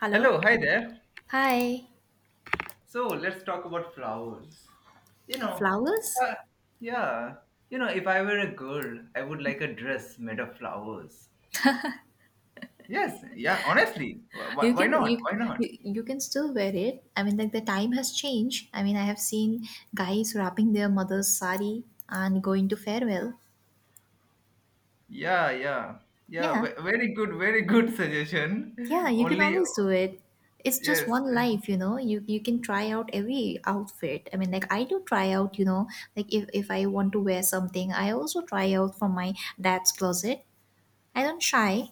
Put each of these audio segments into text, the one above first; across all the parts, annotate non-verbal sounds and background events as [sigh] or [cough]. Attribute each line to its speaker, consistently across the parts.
Speaker 1: Hello.
Speaker 2: Hello, hi there.
Speaker 1: Hi.
Speaker 2: So let's talk about flowers. You know,
Speaker 1: Flowers?
Speaker 2: uh, yeah, if I were a girl, I would like a dress made of flowers. Yes, yeah, honestly, why,
Speaker 1: You
Speaker 2: why
Speaker 1: can
Speaker 2: not?
Speaker 1: you,
Speaker 2: Why not?
Speaker 1: you can still wear it. I mean, like the time has changed. I mean, I have seen guys wrapping their mother's sari and going to farewell.
Speaker 2: Yeah, yeah, yeah,
Speaker 1: Yeah,
Speaker 2: very good suggestion.
Speaker 1: yeah,
Speaker 2: [laughs]
Speaker 1: you can
Speaker 2: Only,
Speaker 1: always do it. It's just
Speaker 2: yes,
Speaker 1: one life, you know. You can try out every outfit. I mean, like I do try out, you know. Like if I want to wear something, I also try out from my dad's closet. I don't shy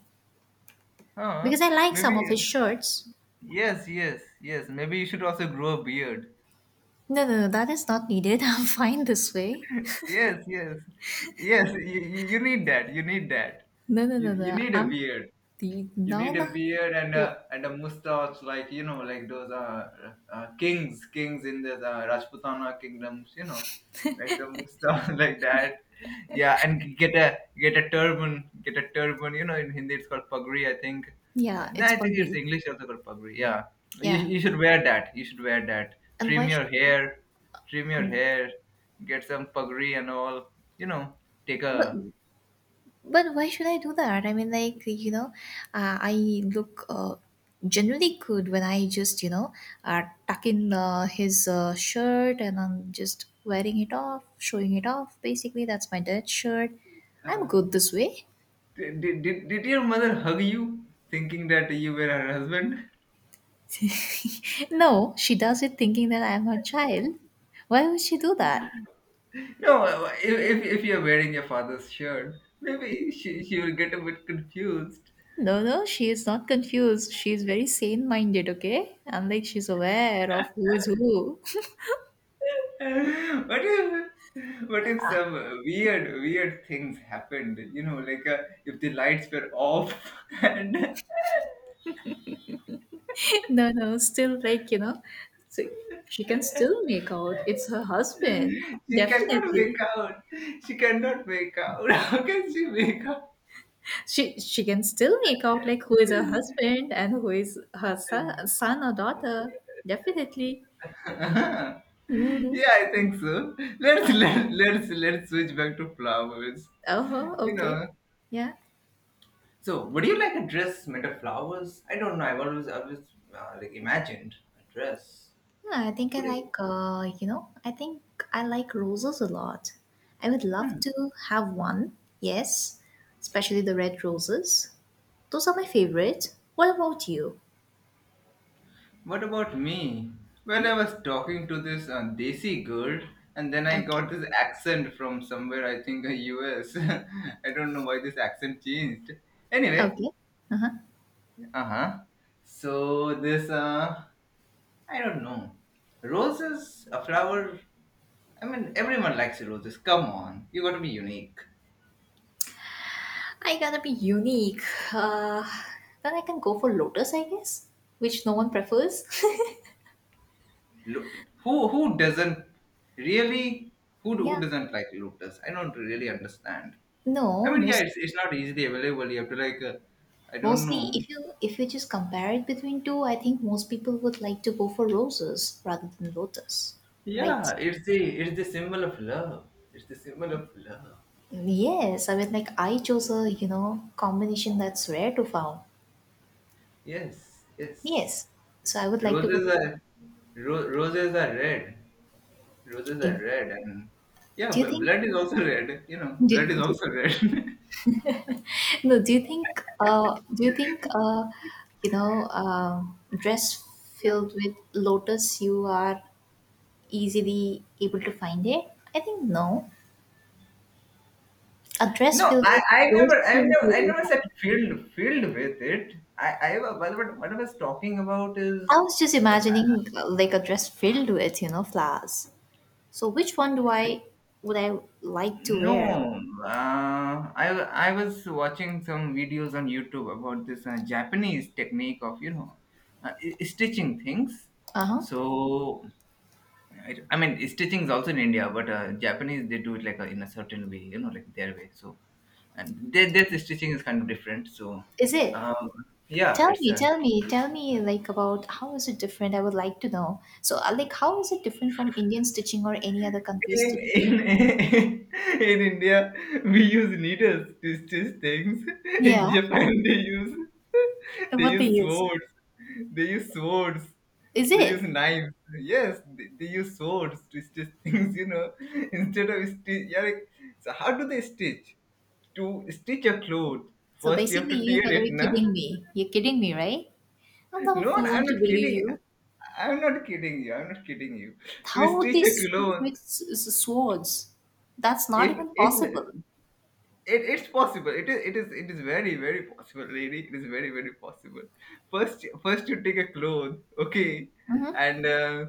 Speaker 2: huh?
Speaker 1: because I like some of his
Speaker 2: Maybe,
Speaker 1: shirts.
Speaker 2: yes, yes, yes, maybe you should also grow a beard.
Speaker 1: No, no, no, that is not needed. [laughs] I'm fine this way.
Speaker 2: Yes, yes, yes, you need that, you need that.
Speaker 1: No, no,
Speaker 2: You,
Speaker 1: no,
Speaker 2: you
Speaker 1: no.
Speaker 2: need a beard.
Speaker 1: The
Speaker 2: You
Speaker 1: no,
Speaker 2: need a
Speaker 1: no.
Speaker 2: beard and a
Speaker 1: Well,
Speaker 2: and a mustache, like like those kings in the Rajputana kingdoms, like some mustache [laughs] like that. Yeah, and get a turban, get a turban. In Hindi it's called pagri, I think. Uh,
Speaker 1: yeah,
Speaker 2: no,
Speaker 1: it's
Speaker 2: I think it's
Speaker 1: buggy.
Speaker 2: English also called pagri. Yeah, you
Speaker 1: Yeah,
Speaker 2: you should wear that. You should wear that.
Speaker 1: and why
Speaker 2: Trim
Speaker 1: should?
Speaker 2: your hair, trim your hair, get some pagri and all. You know, take
Speaker 1: But
Speaker 2: a
Speaker 1: but why should I do that? I mean, like you know, I look generally good when I just uh, tuck in his shirt and I'm just wearing it off, showing it off. Basically, that's my dead shirt. I'm
Speaker 2: uh,
Speaker 1: good this way.
Speaker 2: Did, did your mother hug you thinking that you were her husband? [laughs]
Speaker 1: [laughs] No, she does it thinking that I'm her child. Why would she do that?
Speaker 2: No, if you're wearing your father's shirt, maybe she will get a bit confused.
Speaker 1: No, no, she is not confused. She is very sane minded, okay? And like she's aware of who is who.
Speaker 2: [laughs] what if what if some weird weird things happened? Like if the lights were off [laughs] and
Speaker 1: [laughs] no, no, still like, you know, so she can still make out it's her husband.
Speaker 2: she cannot
Speaker 1: Definitely.
Speaker 2: wake out. She cannot wake out. [laughs] How can she wake up?
Speaker 1: She can still make out like who is her husband and who is her son, or daughter. Definitely.
Speaker 2: [laughs] Yeah,
Speaker 1: Mm,
Speaker 2: I think so. Let's
Speaker 1: yeah.
Speaker 2: let, let's switch back to flowers.
Speaker 1: Uh-huh,
Speaker 2: You
Speaker 1: okay.
Speaker 2: know.
Speaker 1: Yeah.
Speaker 2: So, would you like a dress made of flowers? I don't know. I've always like imagined a dress.
Speaker 1: Yeah, I think
Speaker 2: Would
Speaker 1: I
Speaker 2: you?
Speaker 1: like, you know, I think I like roses a lot. I would love to have one, yes, especially the red roses. Those are my favorite. What about you?
Speaker 2: What about me? Well, I was talking to this Desi girl, and then I
Speaker 1: Okay,
Speaker 2: got this accent from somewhere. I think U.S. [laughs] I don't know why this accent changed. Anyway,
Speaker 1: okay. Uh-huh.
Speaker 2: uh huh. So this I don't know. Roses, a flower. I mean, everyone likes roses. Come on, you got to be unique.
Speaker 1: I gotta be unique. Uh, then I can go for lotus, I guess, which no one prefers. [laughs]
Speaker 2: Look, who doesn't really? Who
Speaker 1: Yeah.
Speaker 2: doesn't like lotus? I don't really understand. I
Speaker 1: No,
Speaker 2: mean, yeah,
Speaker 1: mostly
Speaker 2: it's not easily available. You have to like, I don't
Speaker 1: mostly
Speaker 2: know.
Speaker 1: if you just compare it between two, I think most people would like to go for roses rather than lotus, right?
Speaker 2: Yeah, it's the symbol of love. It's the symbol of love.
Speaker 1: Yes, I mean, like I chose a you know combination that's rare to found.
Speaker 2: Yes, yes.
Speaker 1: Yes, so I would like to go.
Speaker 2: Roses are roses are red. Roses
Speaker 1: If,
Speaker 2: are red, and yeah,
Speaker 1: do you
Speaker 2: but
Speaker 1: think?
Speaker 2: blood is also red. You know,
Speaker 1: Do,
Speaker 2: blood is
Speaker 1: do,
Speaker 2: also red.
Speaker 1: [laughs] no, do you think? Do you think? You know, dress filled with lotus, you are easily able to find it. I think no. A
Speaker 2: [laughs]
Speaker 1: dress
Speaker 2: No,
Speaker 1: filled
Speaker 2: I,
Speaker 1: with
Speaker 2: I
Speaker 1: roses,
Speaker 2: never,
Speaker 1: you
Speaker 2: I
Speaker 1: will
Speaker 2: never,
Speaker 1: be
Speaker 2: I
Speaker 1: able to
Speaker 2: never said
Speaker 1: find.
Speaker 2: filled with it. I, wa- what I was talking about is,
Speaker 1: I was just
Speaker 2: like,
Speaker 1: imagining like a dress filled with you know flowers. So which one do I would I like to
Speaker 2: no,
Speaker 1: wear?
Speaker 2: I was watching some videos on YouTube about this Japanese technique of, stitching things.
Speaker 1: Uh huh.
Speaker 2: So, I mean, stitching is also in India, but Japanese they do it in a certain way, like their way. So. And their stitching is kind of different. So,
Speaker 1: Is it?
Speaker 2: um, yeah,
Speaker 1: Tell
Speaker 2: it's
Speaker 1: me,
Speaker 2: a
Speaker 1: tell me, tell me, like about how is it different? I would like to know. So, like, how is it different from Indian stitching or any other country's stitching?
Speaker 2: in [laughs] in India we use needles to stitch things. In
Speaker 1: Yeah,
Speaker 2: Japan they use [laughs]
Speaker 1: and
Speaker 2: they
Speaker 1: what they
Speaker 2: use
Speaker 1: use.
Speaker 2: swords. They use swords.
Speaker 1: Is
Speaker 2: They use
Speaker 1: it?
Speaker 2: knives. Yes, they use swords to stitch things. Instead of stitch, yeah. Like, so how do they stitch? To stitch a cloth,
Speaker 1: So
Speaker 2: first you have
Speaker 1: basically,
Speaker 2: to
Speaker 1: you
Speaker 2: tear
Speaker 1: gotta
Speaker 2: it,
Speaker 1: be
Speaker 2: na?
Speaker 1: kidding me. You're kidding me, right? I'm not a
Speaker 2: No,
Speaker 1: fool
Speaker 2: I'm
Speaker 1: to
Speaker 2: not
Speaker 1: believe
Speaker 2: kidding.
Speaker 1: you.
Speaker 2: I'm not kidding you. I'm not kidding you. To
Speaker 1: How would
Speaker 2: stitch
Speaker 1: they
Speaker 2: a
Speaker 1: stitch
Speaker 2: pillow,
Speaker 1: with swords? That's not
Speaker 2: if
Speaker 1: even
Speaker 2: if
Speaker 1: possible.
Speaker 2: it's possible. It is very very possible, lady. It is very very possible. First you take a cloth, okay,
Speaker 1: Mm-hmm.
Speaker 2: and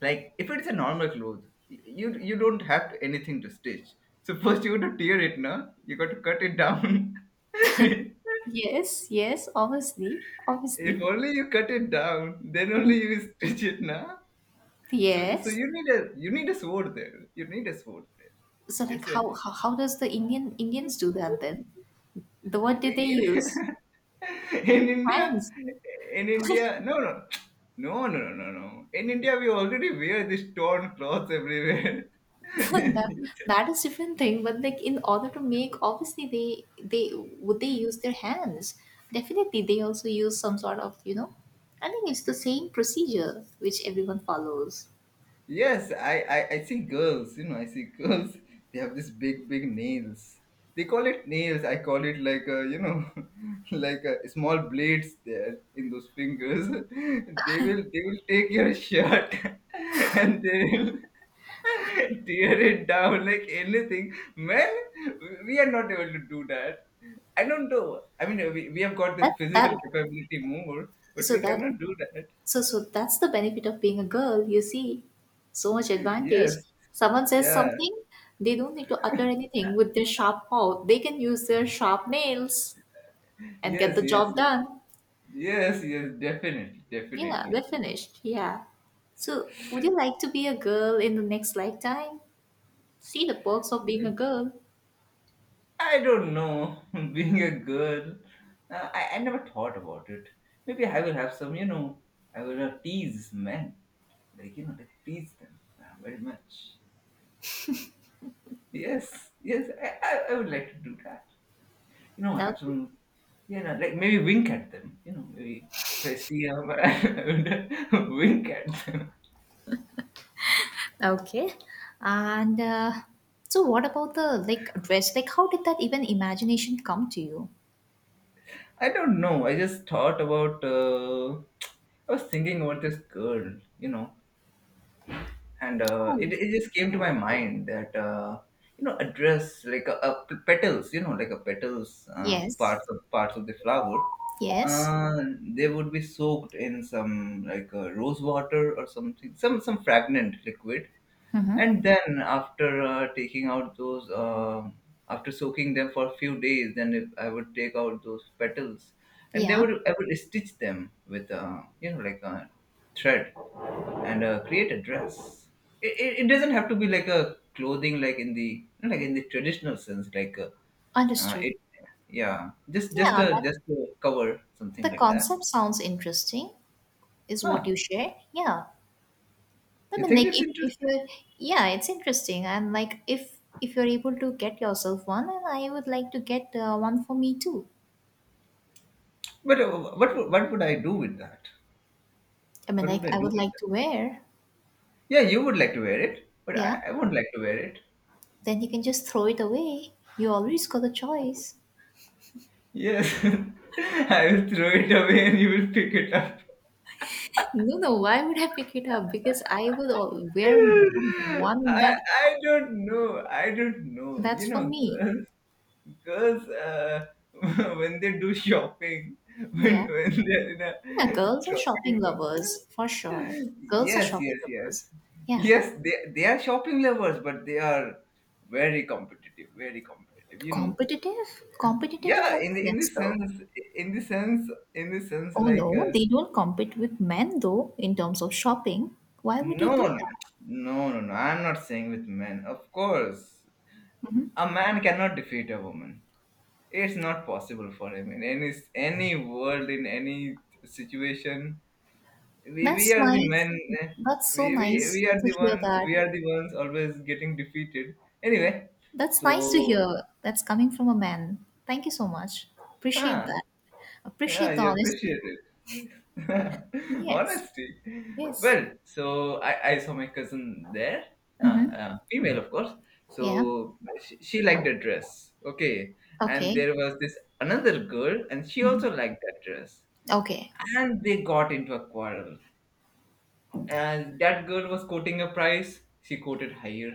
Speaker 2: like if it's a normal cloth, you don't have to, anything to stitch. So first you got to tear it, no? You got to cut it down. [laughs] If
Speaker 1: Yes, yes, obviously, obviously.
Speaker 2: only you cut it down, then only you stitch it, now. So,
Speaker 1: Yes.
Speaker 2: you need a sword there. You need a sword there.
Speaker 1: So, like,
Speaker 2: It's a
Speaker 1: how does the Indians do that then? The what did
Speaker 2: in,
Speaker 1: they use?
Speaker 2: [laughs] in India.
Speaker 1: Hands.
Speaker 2: In India, no, no, no, no, no, no, no. In India, we already wear this torn clothes everywhere.
Speaker 1: [laughs] that
Speaker 2: [laughs]
Speaker 1: that is different thing, but like in order to make obviously they would they use their hands, definitely they also use some sort of you know, I think it's the same procedure which everyone follows.
Speaker 2: Yes, I see girls, I see girls. [laughs] They have this big, big nails. They call it nails. I call it like, [laughs] like small blades there in those fingers. [laughs] They will take your shirt [laughs] and they will [laughs] tear it down like anything. Men, we are not able to do that. I don't know. I mean, we have got
Speaker 1: that
Speaker 2: this
Speaker 1: that
Speaker 2: physical capability more, but
Speaker 1: so
Speaker 2: we
Speaker 1: that
Speaker 2: cannot do that.
Speaker 1: so so that's the benefit of being a girl, you see, so much
Speaker 2: [laughs]
Speaker 1: advantage.
Speaker 2: Yes.
Speaker 1: Someone says
Speaker 2: Yeah.
Speaker 1: something, they don't need to utter anything with their sharp mouth, they can use their sharp nails and get
Speaker 2: Yes.
Speaker 1: the
Speaker 2: Yes.
Speaker 1: job
Speaker 2: Yes.
Speaker 1: done.
Speaker 2: Yes, yes, definitely,
Speaker 1: Yeah, they
Speaker 2: definitely.
Speaker 1: finished. Yeah. So, would you like to be a girl in the next lifetime? See the perks of being a girl.
Speaker 2: I don't know, [laughs] being a girl, I never thought about it. Maybe I will have some, I will tease men, like, like tease them very much. Yes, yes, I would like to do that. You know,
Speaker 1: Now,
Speaker 2: have some, like maybe wink at them, maybe if I see them, [laughs] I would wink at them.
Speaker 1: okay. And so, what about the like dress? Like, how did that even imagination come to you?
Speaker 2: I don't know, I just thought about, I was thinking about this girl. And
Speaker 1: Cool.
Speaker 2: it just came to my mind that a dress like petals like a petals
Speaker 1: Yes.
Speaker 2: parts of the flower
Speaker 1: Yes.
Speaker 2: uh, they would be soaked in some like rose water or something some fragrant liquid,
Speaker 1: Mm-hmm.
Speaker 2: and then after taking out those after soaking them for a few days, then if I would take out those petals, and they
Speaker 1: Yeah.
Speaker 2: would I would stitch them with like a thread and create a dress. It doesn't have to be like a clothing like in the traditional sense like
Speaker 1: Understood.
Speaker 2: it yeah just just
Speaker 1: Yeah,
Speaker 2: a
Speaker 1: that
Speaker 2: just a cover
Speaker 1: the
Speaker 2: something like that.
Speaker 1: concept sounds interesting. Is what
Speaker 2: Huh?
Speaker 1: you shared. Yeah. I
Speaker 2: You
Speaker 1: mean,
Speaker 2: think
Speaker 1: like
Speaker 2: it's
Speaker 1: if
Speaker 2: interesting?
Speaker 1: you're yeah, it's interesting. And like if you're able to get yourself one, and I would like to get one for me too.
Speaker 2: But what would I do with that?
Speaker 1: I mean,
Speaker 2: What
Speaker 1: like
Speaker 2: would I
Speaker 1: I
Speaker 2: do
Speaker 1: would
Speaker 2: with
Speaker 1: like
Speaker 2: that?
Speaker 1: to wear.
Speaker 2: Yeah, you would like to wear it, but
Speaker 1: Yeah,
Speaker 2: I won't like to wear it.
Speaker 1: then you can just throw it away. You always got a choice.
Speaker 2: Yes, [laughs] I will throw it away and you will pick it up.
Speaker 1: No, no. Why would I pick it up? Because I would al- wear
Speaker 2: I,
Speaker 1: one that
Speaker 2: I don't know. I don't know.
Speaker 1: that's
Speaker 2: You
Speaker 1: for
Speaker 2: know,
Speaker 1: me.
Speaker 2: girls, girls uh, [laughs] when they do shopping, [laughs]
Speaker 1: Yeah,
Speaker 2: when they're in a
Speaker 1: yeah. Girls are
Speaker 2: shopping
Speaker 1: shopping
Speaker 2: mall.
Speaker 1: lovers for sure. Girls are
Speaker 2: Yes,
Speaker 1: shopping
Speaker 2: yes, yes.
Speaker 1: lovers. Yeah.
Speaker 2: Yes, they are shopping lovers, but they are very competitive, very competitive.
Speaker 1: Competitive? Competitive in
Speaker 2: Yeah,
Speaker 1: what
Speaker 2: in the
Speaker 1: sense, though?
Speaker 2: sense,
Speaker 1: Oh
Speaker 2: like,
Speaker 1: no, they don't compete with men though in terms of shopping. Why would they
Speaker 2: no,
Speaker 1: do
Speaker 2: no,
Speaker 1: that?
Speaker 2: no, no, no. I'm not saying with men. Of course, a man cannot defeat a woman. It's not possible for him in any world, in any situation. We
Speaker 1: That's
Speaker 2: are the
Speaker 1: nice.
Speaker 2: men. eh,
Speaker 1: That's so
Speaker 2: We, we,
Speaker 1: nice
Speaker 2: we are
Speaker 1: to
Speaker 2: the
Speaker 1: hear
Speaker 2: ones.
Speaker 1: that.
Speaker 2: We are the ones always getting defeated. Anyway,
Speaker 1: That's nice to
Speaker 2: so
Speaker 1: hear. That's coming from a man. Thank you so much. Appreciate
Speaker 2: huh,
Speaker 1: that.
Speaker 2: Yeah, I
Speaker 1: Appreciate the honesty.
Speaker 2: appreciate it. [laughs]
Speaker 1: Yes.
Speaker 2: Honesty.
Speaker 1: Yes.
Speaker 2: Well, so I saw my cousin there, female, of course.
Speaker 1: Yeah.
Speaker 2: So she liked the dress. Okay. And
Speaker 1: Okay.
Speaker 2: there was this another girl, and she also liked that dress.
Speaker 1: Okay.
Speaker 2: And they got into a quarrel, and that girl was quoting a price, she quoted higher.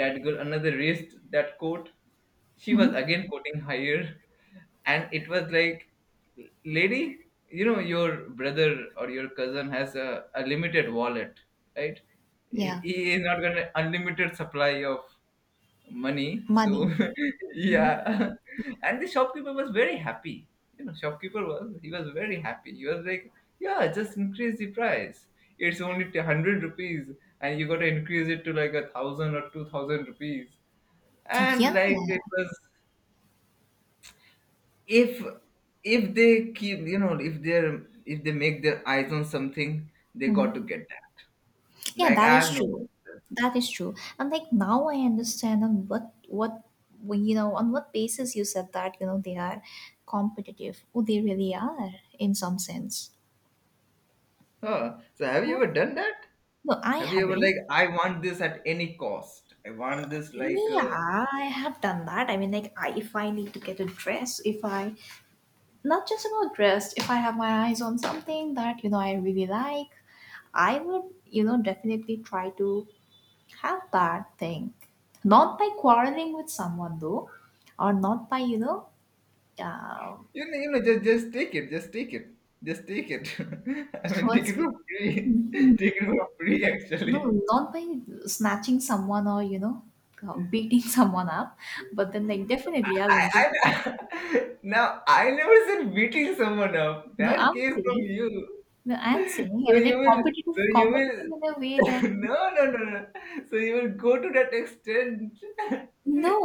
Speaker 2: That girl, another, raised that quote. She was
Speaker 1: Hmm.
Speaker 2: again quoting higher. And it was like, lady, you know your brother or your cousin has a limited wallet, right? he
Speaker 1: Yeah.
Speaker 2: he is not going to unlimited supply of money. So
Speaker 1: Money.
Speaker 2: [laughs] yeah, and the shopkeeper was very happy. Shopkeeper was very happy. He was like, yeah, just increase the price. It's only 100 rupees, and you got to increase it to like 1,000 or 2,000 rupees. And
Speaker 1: Yeah.
Speaker 2: like it was, if if they keep, if they make their eyes on something, they got to get that.
Speaker 1: Yeah,
Speaker 2: Like
Speaker 1: that is
Speaker 2: I've
Speaker 1: true.
Speaker 2: noticed this.
Speaker 1: That is true. And like now I understand on what we- you know on what basis you said that you know they are competitive. Oh, they really are in some sense.
Speaker 2: Huh. So have you
Speaker 1: Mhm.
Speaker 2: ever done that?
Speaker 1: No, I
Speaker 2: Have you ever like
Speaker 1: haven't.
Speaker 2: I want this at any cost? I want this like
Speaker 1: Yeah, I have done that. I mean, like, I, if I need to get a dress, if I not just about dress, if I have my eyes on something that you know I really like, I would you know definitely try to. How bad thing? Not by quarreling with someone though, or not by you know, uh,
Speaker 2: just take it, just take it, just take it. [laughs] I
Speaker 1: [laughs]
Speaker 2: mean take
Speaker 1: what's
Speaker 2: it for free, [laughs]
Speaker 1: no,
Speaker 2: take it for free actually.
Speaker 1: not by snatching someone or you know, beating [laughs] someone up. But then like definitely I'll get-
Speaker 2: I [laughs] now I never said beating someone up.
Speaker 1: no,
Speaker 2: That
Speaker 1: I'm
Speaker 2: came from
Speaker 1: saying
Speaker 2: you.
Speaker 1: no, I'm saying
Speaker 2: So
Speaker 1: I mean
Speaker 2: you
Speaker 1: like
Speaker 2: will so
Speaker 1: competitive,
Speaker 2: you
Speaker 1: competitive in
Speaker 2: will
Speaker 1: a way
Speaker 2: [laughs]
Speaker 1: that
Speaker 2: no, no, no, no. So you will go to that extent. [laughs]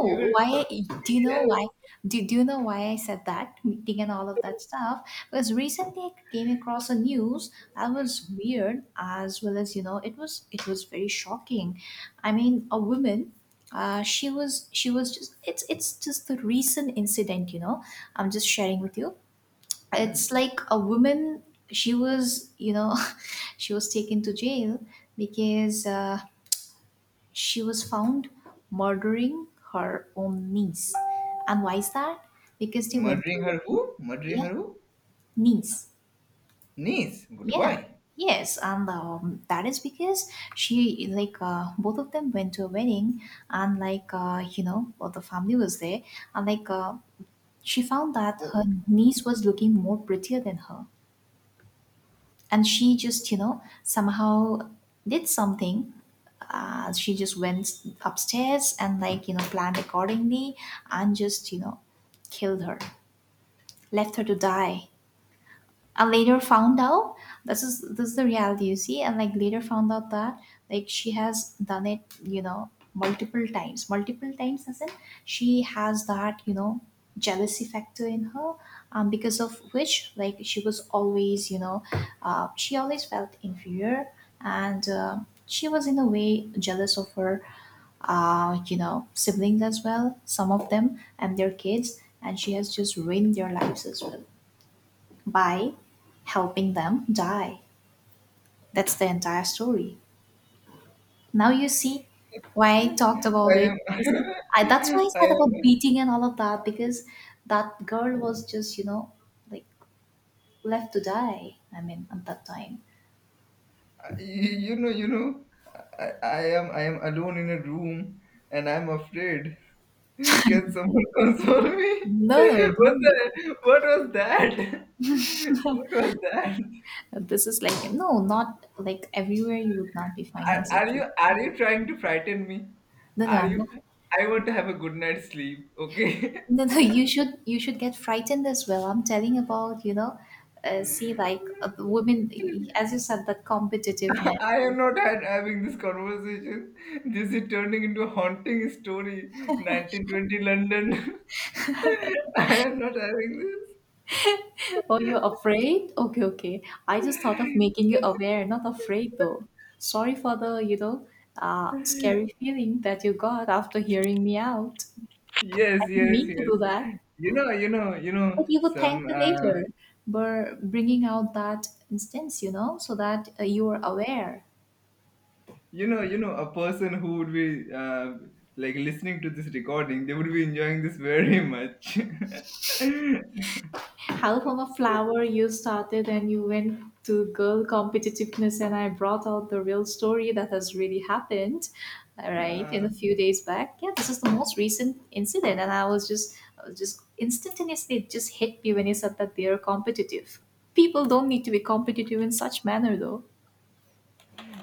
Speaker 2: You will go,
Speaker 1: why I, do you know
Speaker 2: yes.
Speaker 1: why? Do, you know why I said that meeting and all of that stuff? Because recently I came across a news that was weird as well as you know it was very shocking. I mean, a woman, she was just it's just the recent incident. You know, I'm just sharing with you. It's
Speaker 2: Hmm.
Speaker 1: like a woman. She was you know, [laughs] she was taken to jail because. She was found murdering her own niece. And why is that? Because they went to
Speaker 2: Murdering
Speaker 1: a
Speaker 2: her
Speaker 1: wedding.
Speaker 2: who? Murdering
Speaker 1: Yeah,
Speaker 2: her who?
Speaker 1: niece.
Speaker 2: Nice, but
Speaker 1: Yeah,
Speaker 2: why?
Speaker 1: yes. And that is because she, like, both of them went to a wedding and, like, you know, well, the family was there. And, like, she found that
Speaker 2: Oh,
Speaker 1: her niece was looking more prettier than her. And she just you know somehow did something. She just went upstairs and like you know planned accordingly and just you know killed her, left her to die. I later found out, this is the reality you see, and like later found out that like she has done it, you know, multiple times. Multiple times as in she has that, you know, jealousy factor in her, because of which like she was always, you know, she always felt inferior, and she was in a way jealous of her you know, siblings as well, some of them and their kids, and she has just ruined their lives as well by helping them die. That's the entire story. Now you see why I talked about
Speaker 2: I
Speaker 1: it.
Speaker 2: am,
Speaker 1: You see, I, that's why I
Speaker 2: [laughs] I
Speaker 1: said about
Speaker 2: am,
Speaker 1: beating and all of that because that girl was just you know like left to die. I mean, at that time.
Speaker 2: you, you know, you know, I am alone in a room, and I'm afraid. [laughs] Can someone console me? [laughs]
Speaker 1: No, no,
Speaker 2: What
Speaker 1: don't you?
Speaker 2: the, what was that? [laughs] What was that?
Speaker 1: This is like no, not like everywhere you would not be
Speaker 2: Are,
Speaker 1: finding
Speaker 2: are
Speaker 1: such. A-
Speaker 2: you, are you trying to frighten me?
Speaker 1: no, no,
Speaker 2: Are
Speaker 1: I'm not.
Speaker 2: you? I want to have a good night's sleep. Okay.
Speaker 1: No, no, [laughs] you should get frightened as well. I'm telling about, you know, see like the women,
Speaker 2: [laughs]
Speaker 1: as you said, that competitiveness.
Speaker 2: I
Speaker 1: [laughs]
Speaker 2: am not having this conversation. This is turning into a haunting story. 1920 London. [laughs] I am not having this.
Speaker 1: Oh, you're afraid? Okay, okay. I just thought of making you aware, not afraid though. Sorry for the, you know, scary feeling that you got after hearing me out. I
Speaker 2: Yes,
Speaker 1: didn't
Speaker 2: yes,
Speaker 1: mean to
Speaker 2: yes.
Speaker 1: do that,
Speaker 2: You know, you know, you
Speaker 1: but
Speaker 2: know,
Speaker 1: you would
Speaker 2: some,
Speaker 1: thank me
Speaker 2: uh,
Speaker 1: later for bringing out that instance, you know, so that you are aware.
Speaker 2: a person who would be like listening to this recording, they would be enjoying this very much. [laughs]
Speaker 1: How from a flower you started and you went to girl competitiveness, and I brought out the real story that has really happened, all right, in
Speaker 2: Uh,
Speaker 1: a few days back. Yeah, this is the most recent incident, and I was just I was just instantaneously it just hit me when you said that they are competitive. People don't need to be competitive in such manner though,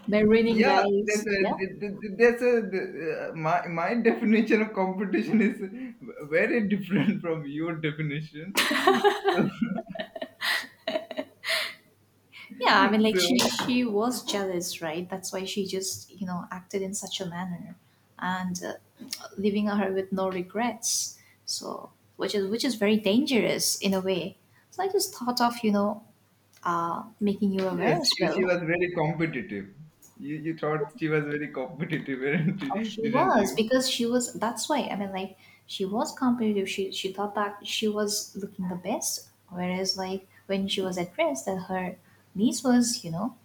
Speaker 1: they're ruining
Speaker 2: Yeah,
Speaker 1: lives,
Speaker 2: that's
Speaker 1: yeah.
Speaker 2: a, that's a, uh, my, my definition of competition is very different [laughs] from your definition. So,
Speaker 1: Yeah, I mean, like
Speaker 2: so
Speaker 1: she was jealous, right? That's why she just you know acted in such a manner, and leaving her with no regrets. So, which is very dangerous in a way. So I just thought of you know making you aware
Speaker 2: yes,
Speaker 1: as
Speaker 2: she was
Speaker 1: well.
Speaker 2: very competitive. You thought she was very competitive, [laughs] weren't
Speaker 1: Oh,
Speaker 2: you-
Speaker 1: she
Speaker 2: didn't
Speaker 1: was
Speaker 2: you?
Speaker 1: because she was. That's why I mean, like she was competitive. She thought that she was looking the best, whereas like when she was at rest, that her niece was you know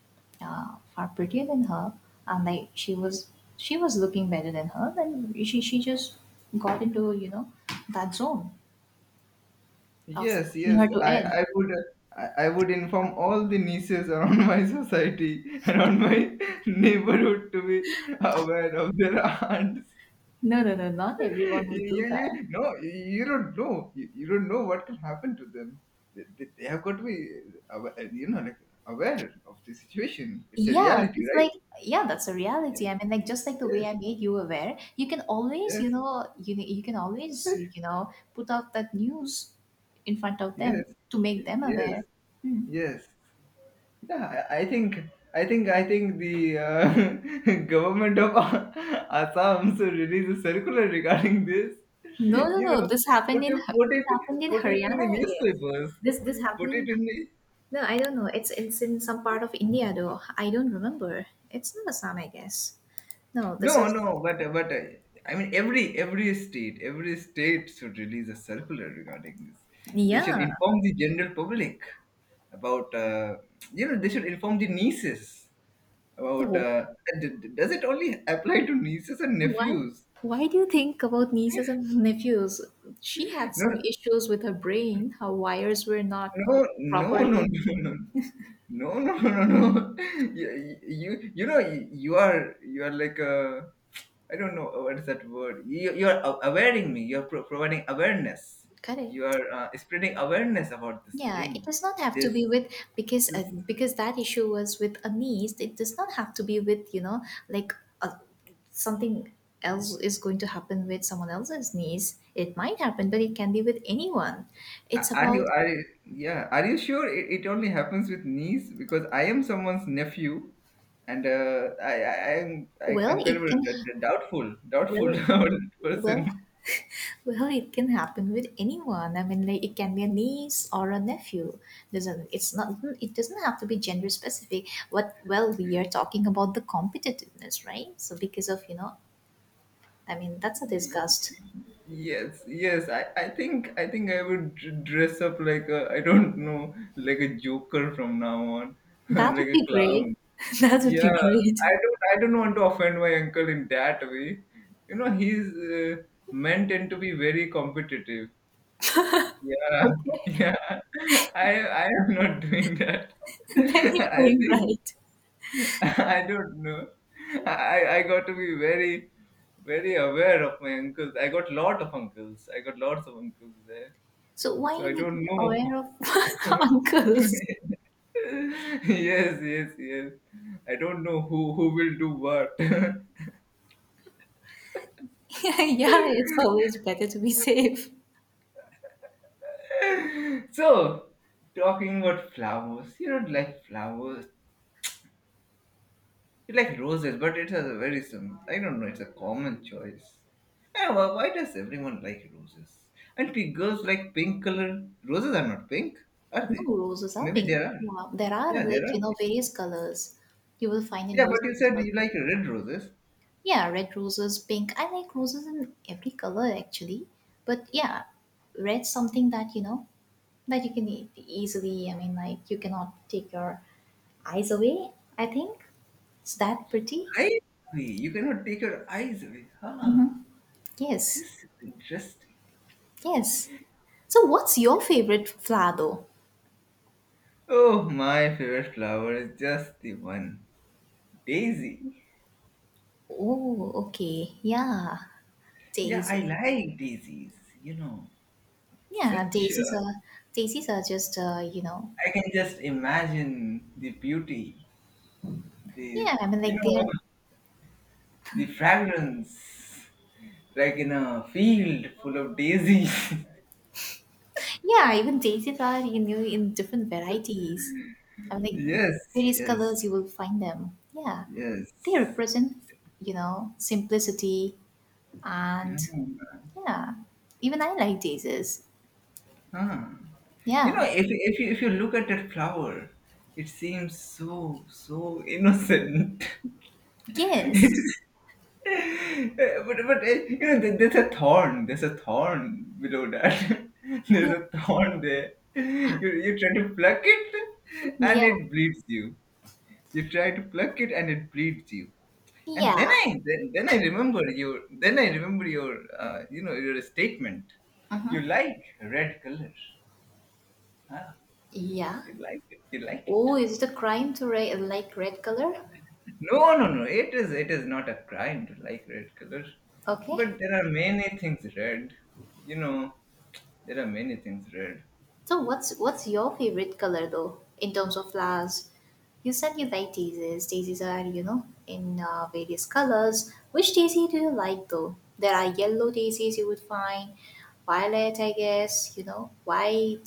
Speaker 1: far prettier than her, and like she was looking better than her. Then she just got into that zone of
Speaker 2: Yes,
Speaker 1: pushing
Speaker 2: yes.
Speaker 1: her to
Speaker 2: I,
Speaker 1: edge.
Speaker 2: I would I, I would inform all the nieces around [laughs] my society, around my [laughs] neighborhood to be aware of their [laughs] aunt.
Speaker 1: No, no, no, not everyone
Speaker 2: you,
Speaker 1: would do
Speaker 2: you,
Speaker 1: that.
Speaker 2: you no, you don't know. You don't know what can happen to them. They have got to be, awa- uh, you know, like aware of the situation. It's a
Speaker 1: Yeah,
Speaker 2: reality,
Speaker 1: just like
Speaker 2: right?
Speaker 1: yeah, that's a reality. I mean, like just like the way I
Speaker 2: Yes,
Speaker 1: made you aware, you can always, you
Speaker 2: yes,
Speaker 1: know, you can always, you know, put out that news in front of them
Speaker 2: yes,
Speaker 1: to make them
Speaker 2: yes,
Speaker 1: aware. Hmm.
Speaker 2: yes. Yeah, I, I think, I think the [laughs] government of [laughs] Assam should release a circular regarding this.
Speaker 1: No, no,
Speaker 2: You
Speaker 1: no.
Speaker 2: know,
Speaker 1: This happened
Speaker 2: put
Speaker 1: in
Speaker 2: it, put
Speaker 1: This
Speaker 2: it,
Speaker 1: happened in
Speaker 2: put it
Speaker 1: Haryana,
Speaker 2: in the
Speaker 1: I guess.
Speaker 2: newspapers.
Speaker 1: This happened
Speaker 2: Put
Speaker 1: in
Speaker 2: it in the
Speaker 1: no, I don't know. It's in some part of India though. I don't remember. It's not Assam, I guess. No, this
Speaker 2: No,
Speaker 1: is
Speaker 2: no, but I mean every state every state should release a circular regarding this. They should
Speaker 1: yeah.
Speaker 2: inform the general public about you know they should inform the nieces about
Speaker 1: So
Speaker 2: does it only apply to nieces and
Speaker 1: why?
Speaker 2: nephews?
Speaker 1: Why do you think about nieces and nephews? She had
Speaker 2: No,
Speaker 1: some
Speaker 2: no,
Speaker 1: issues with her brain. Her wires were not, you
Speaker 2: No,
Speaker 1: know,
Speaker 2: no, no, no,
Speaker 1: properly
Speaker 2: no, no, no, no, no. no. [laughs] You know, you are like a, I don't know what is that word. You are awareing me. You are providing awareness. You
Speaker 1: correct.
Speaker 2: are spreading awareness about this
Speaker 1: Yeah, it
Speaker 2: thing.
Speaker 1: does not have to
Speaker 2: This,
Speaker 1: be with
Speaker 2: this.
Speaker 1: because that issue was with a niece. It does not have to be with you know like a, something else is going to happen with someone else's niece. It might happen, but it can be with anyone. It's about
Speaker 2: Are you, yeah? Are you sure it only happens with niece? Because I am someone's nephew, and uh, I, I, I'm, I,
Speaker 1: well,
Speaker 2: I'm kind of
Speaker 1: it
Speaker 2: a,
Speaker 1: can well
Speaker 2: doubtful [laughs] about that
Speaker 1: well
Speaker 2: person.
Speaker 1: Well, it can happen with anyone. I mean, like it can be a niece or a nephew. Doesn't it's not it doesn't have to be gender specific. What well we are talking about the competitiveness, right? So because of you know, I mean that's a
Speaker 2: Y-
Speaker 1: disgust.
Speaker 2: Yes, yes. I would dress up like a, I don't [laughs] know, like a joker from now on,
Speaker 1: That
Speaker 2: [laughs] like
Speaker 1: would
Speaker 2: a
Speaker 1: be great.
Speaker 2: clown.
Speaker 1: [laughs] that would be
Speaker 2: Yeah,
Speaker 1: great.
Speaker 2: I don't want to offend my uncle in that way. You know, he's men tend to be very competitive. Yeah, [laughs]
Speaker 1: Okay,
Speaker 2: yeah. I I am not doing that.
Speaker 1: [laughs] then you're
Speaker 2: [laughs] I
Speaker 1: going right.
Speaker 2: think. [laughs] I don't know. I got to be very aware of my uncles. I got lot of uncles. I got lots of uncles there.
Speaker 1: So why
Speaker 2: So
Speaker 1: you
Speaker 2: I
Speaker 1: need to
Speaker 2: don't
Speaker 1: be
Speaker 2: know.
Speaker 1: aware of [laughs] uncles?
Speaker 2: [laughs] Yes, yes, yes. I don't know who will do what.
Speaker 1: [laughs] yeah, it's always
Speaker 2: [laughs]
Speaker 1: better to be safe.
Speaker 2: So, talking about flowers, you don't like flowers. You like roses, but it's a very sim. I don't know. It's a common choice. Yeah, why does everyone like roses? And girls like pink color. Roses are not pink, are they?
Speaker 1: No, roses are
Speaker 2: Maybe
Speaker 1: pink.
Speaker 2: there are.
Speaker 1: Yeah, there are
Speaker 2: Yeah, there
Speaker 1: like,
Speaker 2: are.
Speaker 1: you know, various colors you will find in
Speaker 2: Yeah, but
Speaker 1: roses
Speaker 2: you
Speaker 1: as
Speaker 2: said
Speaker 1: well.
Speaker 2: you like red roses.
Speaker 1: Yeah, red roses, pink. I like roses in every color actually. But yeah, red's something that, you know, that you can easily, I mean, like you cannot take your eyes away, I think. It's that pretty.
Speaker 2: Eyes, agree. You cannot take your eyes away.
Speaker 1: Mm-hmm.
Speaker 2: Ah,
Speaker 1: Yes,
Speaker 2: this is interesting.
Speaker 1: yes. So what's your favorite flower though?
Speaker 2: Oh, my favorite flower is just the one, daisy.
Speaker 1: Oh, okay. Yeah,
Speaker 2: Yeah, I
Speaker 1: daisy.
Speaker 2: like daisies. You know,
Speaker 1: Yeah,
Speaker 2: such a,
Speaker 1: daisies are just you know
Speaker 2: I can just imagine the beauty, the,
Speaker 1: yeah I mean
Speaker 2: you
Speaker 1: like
Speaker 2: know,
Speaker 1: they're
Speaker 2: the fragrance, like in a field full of daisies.
Speaker 1: yeah even daisies are you know in different varieties I
Speaker 2: [laughs]
Speaker 1: mean
Speaker 2: yes,
Speaker 1: like various colors
Speaker 2: yes,
Speaker 1: you will find them yeah they
Speaker 2: yes.
Speaker 1: represent you know simplicity and yeah even I like daisies
Speaker 2: Huh. You know,
Speaker 1: yeah
Speaker 2: if you look at that flower, it seems so so innocent. [laughs]
Speaker 1: yes
Speaker 2: It's but you know there's a thorn, there's a thorn below that [laughs] there's a thorn there, you try to pluck
Speaker 1: [laughs]
Speaker 2: it and
Speaker 1: yeah
Speaker 2: it bleeds you. You try to pluck it and it bleeds you And
Speaker 1: yeah
Speaker 2: then I remember your, you know, your statement.
Speaker 1: uh-huh.
Speaker 2: You like red color, huh?
Speaker 1: Yeah
Speaker 2: You like it,
Speaker 1: oh is it a crime to like red color
Speaker 2: no no no, it is not a crime to like red color,
Speaker 1: okay.
Speaker 2: but there are many things red, you know. There are many things red.
Speaker 1: So what's your favorite color though in terms of flowers? You said you like daisies. Daisies are you know in various colors. Which daisy do you like though? There are yellow daisies you would find, violet I guess you know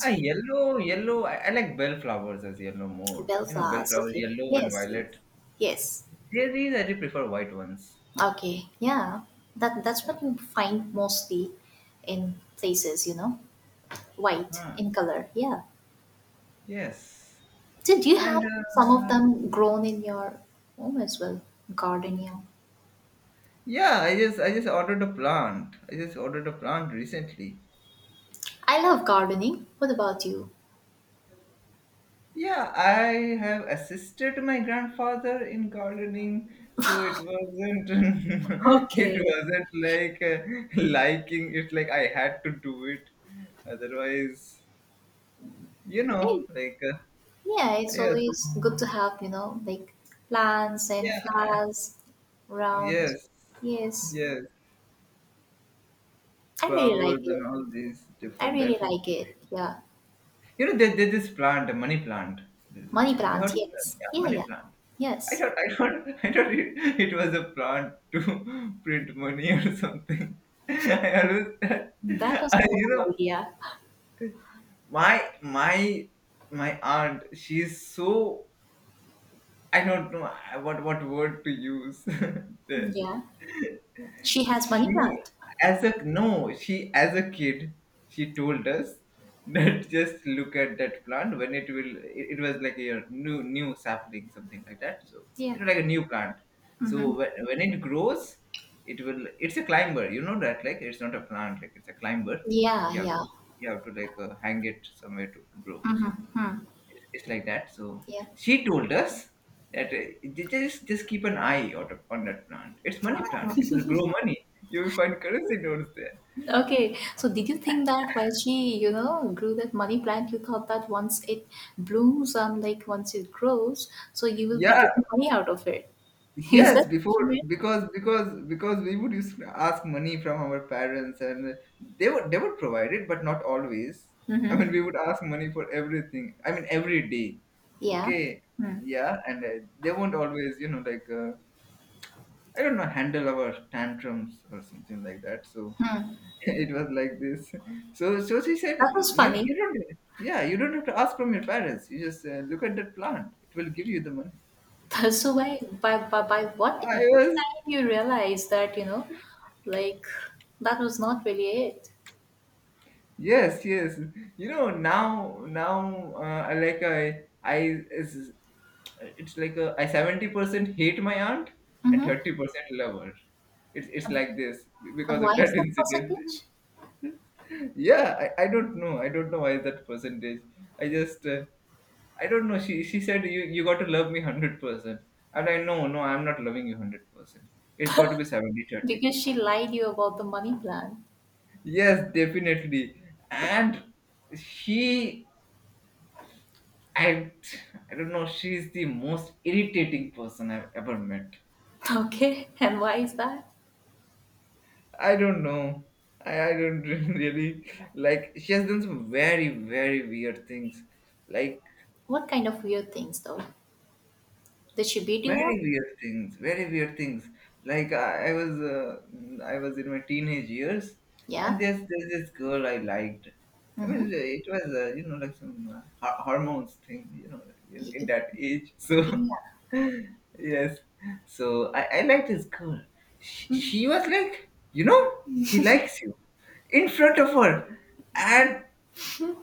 Speaker 2: Ah, yellow. I like bell flowers as yellow more. You know, bell
Speaker 1: bellflowers.
Speaker 2: flowers,
Speaker 1: Okay.
Speaker 2: yellow and
Speaker 1: Yes. Yes.
Speaker 2: violet.
Speaker 1: Yes.
Speaker 2: There is, I do prefer white ones.
Speaker 1: Okay. Yeah. That that's what you find mostly in places you know white
Speaker 2: Ah,
Speaker 1: in color. Yeah.
Speaker 2: yes.
Speaker 1: So, do you have
Speaker 2: And
Speaker 1: some of them grown in your home as well? Gardening.
Speaker 2: yeah, I just ordered a plant. I just ordered a plant recently.
Speaker 1: I love gardening. What about you?
Speaker 2: Yeah, I have assisted my grandfather in gardening, so it wasn't [laughs] it
Speaker 1: Okay.
Speaker 2: wasn't like liking it, like I had to do it. Otherwise, you know,
Speaker 1: Hey,
Speaker 2: like
Speaker 1: yeah, it's
Speaker 2: yes,
Speaker 1: always good to have, you know, like plants and
Speaker 2: yeah,
Speaker 1: flowers around.
Speaker 2: yes,
Speaker 1: Yes,
Speaker 2: yes,
Speaker 1: I really like
Speaker 2: flowers and
Speaker 1: it.
Speaker 2: all these
Speaker 1: I
Speaker 2: different
Speaker 1: really
Speaker 2: type of,
Speaker 1: like it. Yeah.
Speaker 2: you know, there's this plant, a money plant. This-
Speaker 1: Money
Speaker 2: have you
Speaker 1: plant,
Speaker 2: heard of that?
Speaker 1: yes.
Speaker 2: Yeah,
Speaker 1: Yeah,
Speaker 2: money
Speaker 1: yeah.
Speaker 2: plant. I
Speaker 1: Yes.
Speaker 2: thought I thought [laughs] I thought it was a plant to [laughs] print money or something. [laughs] I always [laughs]
Speaker 1: That was
Speaker 2: I,
Speaker 1: a
Speaker 2: you know,
Speaker 1: good idea.
Speaker 2: my my my aunt, she's so, I don't know. What word to use [laughs] there.
Speaker 1: Yeah. She has money
Speaker 2: She
Speaker 1: plant.
Speaker 2: as a no, she as a kid, she told us [laughs] that, just look at that plant when it will. It was like a new new sapling, something like that. So
Speaker 1: Yeah.
Speaker 2: you know, like a new plant.
Speaker 1: Mm-hmm.
Speaker 2: So when it grows, it will. It's a climber. You know that, like it's not a plant, like it's a climber.
Speaker 1: Yeah,
Speaker 2: You have to,
Speaker 1: yeah.
Speaker 2: you have to, like, hang it somewhere to grow.
Speaker 1: Mm-hmm.
Speaker 2: So
Speaker 1: Hmm.
Speaker 2: it's like that. So
Speaker 1: Yeah.
Speaker 2: she told us that just keep an eye on that plant. It's money plant. It will grow money. You will find currency notes there.
Speaker 1: Okay, so did you think that while she, you know, grew that money plant, you thought that once it blooms and like once it grows, so you will be
Speaker 2: Yeah,
Speaker 1: getting money out of it? [laughs] Is that
Speaker 2: yes.
Speaker 1: what you
Speaker 2: Before
Speaker 1: meant?
Speaker 2: because we would use ask money from our parents, and they would provide it, but not always. I
Speaker 1: Mm-hmm.
Speaker 2: mean, we would ask money for everything. I mean, every day.
Speaker 1: Yeah.
Speaker 2: Okay.
Speaker 1: Hmm.
Speaker 2: Yeah, and they won't always, you know, like I don't know, handle our tantrums or something like that. So
Speaker 1: Hmm.
Speaker 2: [laughs] it was like this. So, so she said,
Speaker 1: That was
Speaker 2: you,
Speaker 1: funny.
Speaker 2: you don't, yeah, you don't have to ask from your parents. You just look at that plant. It will give you the money.
Speaker 1: [laughs] So by
Speaker 2: I
Speaker 1: what
Speaker 2: was,
Speaker 1: time you realized that you know, like that was not really it.
Speaker 2: yes, yes. You know, now, I like I, it's like a, I 70% hate my aunt and
Speaker 1: Mm-hmm.
Speaker 2: 30% love her. It's like this
Speaker 1: And
Speaker 2: because of
Speaker 1: why is
Speaker 2: that
Speaker 1: that
Speaker 2: incident.
Speaker 1: percentage?
Speaker 2: [laughs] Yeah, I don't know. I don't know why that percentage. I just, I don't know. She said you got to love me 100%. And I, no no, I'm not loving you 100%. It's got to be 70-30.
Speaker 1: Because she lied you about the money plan.
Speaker 2: Yes, definitely. And she I I don't know. She's the most irritating person I've ever met.
Speaker 1: [laughs] Okay, and why is that?
Speaker 2: I don't know. I don't [laughs] really like. She has done some very weird things. Like
Speaker 1: What kind of weird things though? The Shibidu one?
Speaker 2: very weird things, like I was in my teenage years, and
Speaker 1: Yeah.
Speaker 2: there's this girl I liked. I
Speaker 1: Mm-hmm.
Speaker 2: mean it was you know, like some hormones thing, you know, in that age, so
Speaker 1: Yeah.
Speaker 2: [laughs] yes. So I liked this girl. She was like, you know, he likes you, in front of her, and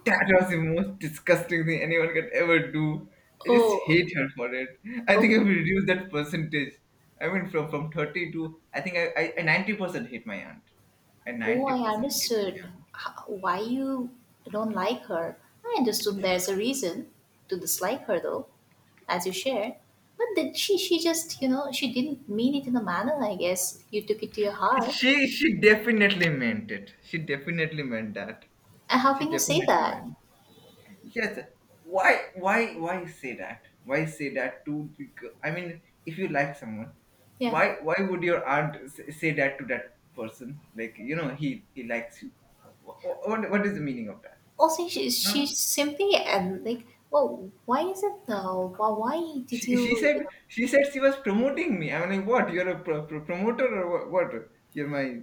Speaker 2: that was the most disgusting thing anyone could ever do. I just
Speaker 1: Oh,
Speaker 2: hate her for it. I
Speaker 1: oh,
Speaker 2: think I will reduce that percentage. I mean, from 30 to, I think I 90% hate my aunt. I
Speaker 1: oh, I
Speaker 2: 90% hate my
Speaker 1: understood
Speaker 2: aunt.
Speaker 1: why you don't like her. I understood there's a reason to dislike her though, as you shared. But did she just, you know, she didn't mean it in a manner, I guess. You took it to your heart.
Speaker 2: She definitely meant it. She definitely meant that.
Speaker 1: And how
Speaker 2: She
Speaker 1: can you say
Speaker 2: definitely
Speaker 1: that?
Speaker 2: meant Yes. Why? Why? Why say that? Why say that to the? I mean, if you like someone,
Speaker 1: Yeah.
Speaker 2: why? Why would your aunt say that to that person? Like, you know, he likes you. What? What is the meaning of that?
Speaker 1: Also,
Speaker 2: Huh?
Speaker 1: she simply and like, well, why is it though? Why did
Speaker 2: She, she
Speaker 1: you
Speaker 2: said she said she was promoting me. I'm like, what? You're a promoter or what? What? You're my,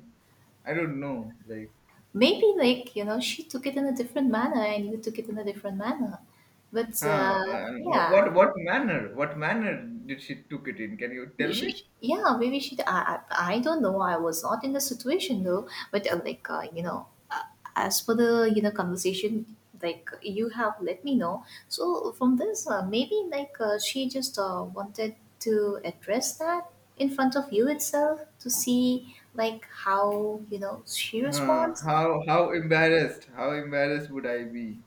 Speaker 2: I don't know. Like,
Speaker 1: maybe like, you know, she took it in a different manner and you took it in a different manner. But
Speaker 2: huh? Uh,
Speaker 1: yeah,
Speaker 2: what manner? What manner did she took it in? Can you tell me?
Speaker 1: yeah, maybe she. I don't know. I was not in the situation though. But like, you know, as for the you know conversation, like you have let me know. So from this, maybe like she just wanted to address that in front of you itself to see like how you know she responds.
Speaker 2: How How embarrassed would I be?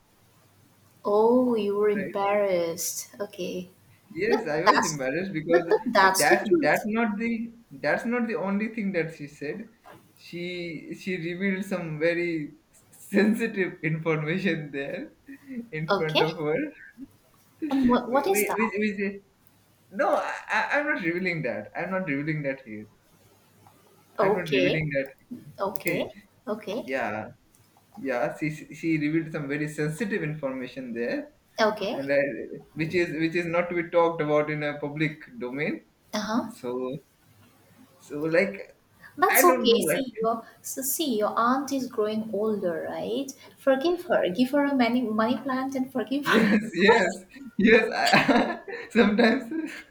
Speaker 1: Oh, you were
Speaker 2: Right?
Speaker 1: embarrassed. Okay.
Speaker 2: Yes,
Speaker 1: But
Speaker 2: I was
Speaker 1: that's
Speaker 2: embarrassed because
Speaker 1: but that's the
Speaker 2: that's
Speaker 1: truth.
Speaker 2: that's not the only thing that she said. She revealed some very sensitive information there in front
Speaker 1: Okay.
Speaker 2: of her. [laughs]
Speaker 1: And
Speaker 2: We
Speaker 1: what
Speaker 2: we
Speaker 1: is
Speaker 2: we
Speaker 1: that?
Speaker 2: which, no, I'm not revealing that. I'm not revealing that here. I'm not
Speaker 1: Okay.
Speaker 2: revealing that.
Speaker 1: Okay.
Speaker 2: Okay.
Speaker 1: Okay.
Speaker 2: Yeah. Yeah. She revealed some very sensitive information there, and
Speaker 1: Okay.
Speaker 2: I, which is not to be talked about in a public domain.
Speaker 1: Uh-huh.
Speaker 2: So so like, I
Speaker 1: That's
Speaker 2: don't know,
Speaker 1: okay.
Speaker 2: like
Speaker 1: See your so see your aunt is growing older, right? Forgive her. Give her a money money plant and
Speaker 2: [laughs]
Speaker 1: forgive her.
Speaker 2: yes,
Speaker 1: [laughs]
Speaker 2: yes. [laughs] sometimes. [laughs]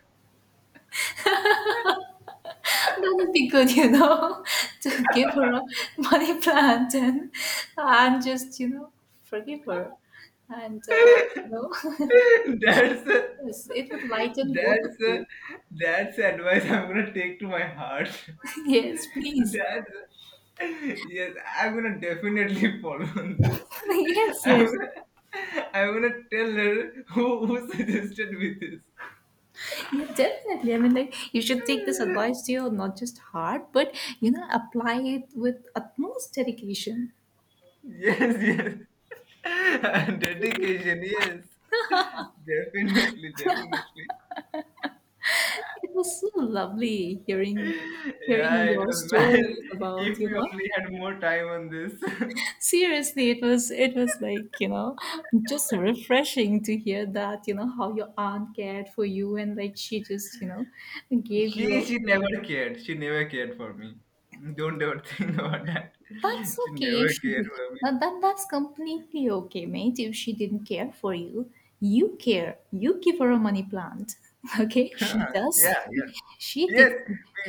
Speaker 1: That would be good, you know, [laughs] to give her a money plant and just, you know, forgive her. And no.
Speaker 2: that's a-
Speaker 1: Yes, it would lighten both of
Speaker 2: that's a-
Speaker 1: you.
Speaker 2: that's the advice I'm gonna take to my heart. [laughs]
Speaker 1: [laughs] Yes, please.
Speaker 2: That's, yes, I'm gonna definitely [laughs] follow on this.
Speaker 1: [laughs] Yes,
Speaker 2: I'm
Speaker 1: yes.
Speaker 2: gonna, I'm gonna tell her who suggested me this.
Speaker 1: Yeah, definitely. I mean, like, you should take this advice to your not just heart, but, you know, apply it with utmost dedication.
Speaker 2: Yes, yes. [laughs] And dedication, yes. Definitely, definitely.
Speaker 1: It was so lovely hearing
Speaker 2: Yeah,
Speaker 1: hearing
Speaker 2: it
Speaker 1: your
Speaker 2: was [laughs] nice.
Speaker 1: stories about,
Speaker 2: If
Speaker 1: you
Speaker 2: we
Speaker 1: know.
Speaker 2: only had more time on this. [laughs]
Speaker 1: Seriously, it was like, you know, just refreshing to hear that, you know, how your aunt cared for you and like she just, you know, gave you
Speaker 2: She
Speaker 1: a
Speaker 2: she never cared. She never cared for me. Don't ever [laughs] think about that.
Speaker 1: that's
Speaker 2: She
Speaker 1: okay if
Speaker 2: never
Speaker 1: she
Speaker 2: cared
Speaker 1: did.
Speaker 2: for me.
Speaker 1: That, that, that's completely okay, mate. If she didn't care for you, you care. You give her a money plant. [laughs] Okay? She does.
Speaker 2: Yeah, yeah.
Speaker 1: [laughs] She
Speaker 2: Yes,
Speaker 1: did.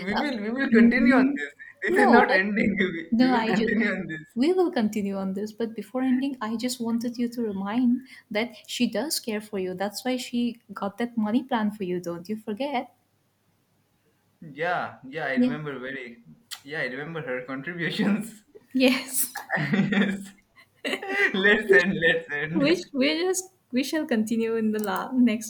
Speaker 2: we will continue on
Speaker 1: Mm,
Speaker 2: this. This is
Speaker 1: no,
Speaker 2: not
Speaker 1: but
Speaker 2: ending. [laughs] We
Speaker 1: no,
Speaker 2: will
Speaker 1: I just.
Speaker 2: continue on this.
Speaker 1: We will continue on this, but before ending, I just wanted you to remind that she does care for you. That's why she got that money plan for you. Don't you forget?
Speaker 2: Yeah, yeah, I
Speaker 1: Yeah.
Speaker 2: remember very yeah, I remember her contributions. [laughs]
Speaker 1: Yes.
Speaker 2: [laughs] Yes.
Speaker 1: [laughs]
Speaker 2: Let's end. Let's
Speaker 1: Which
Speaker 2: end.
Speaker 1: we just we shall continue in the next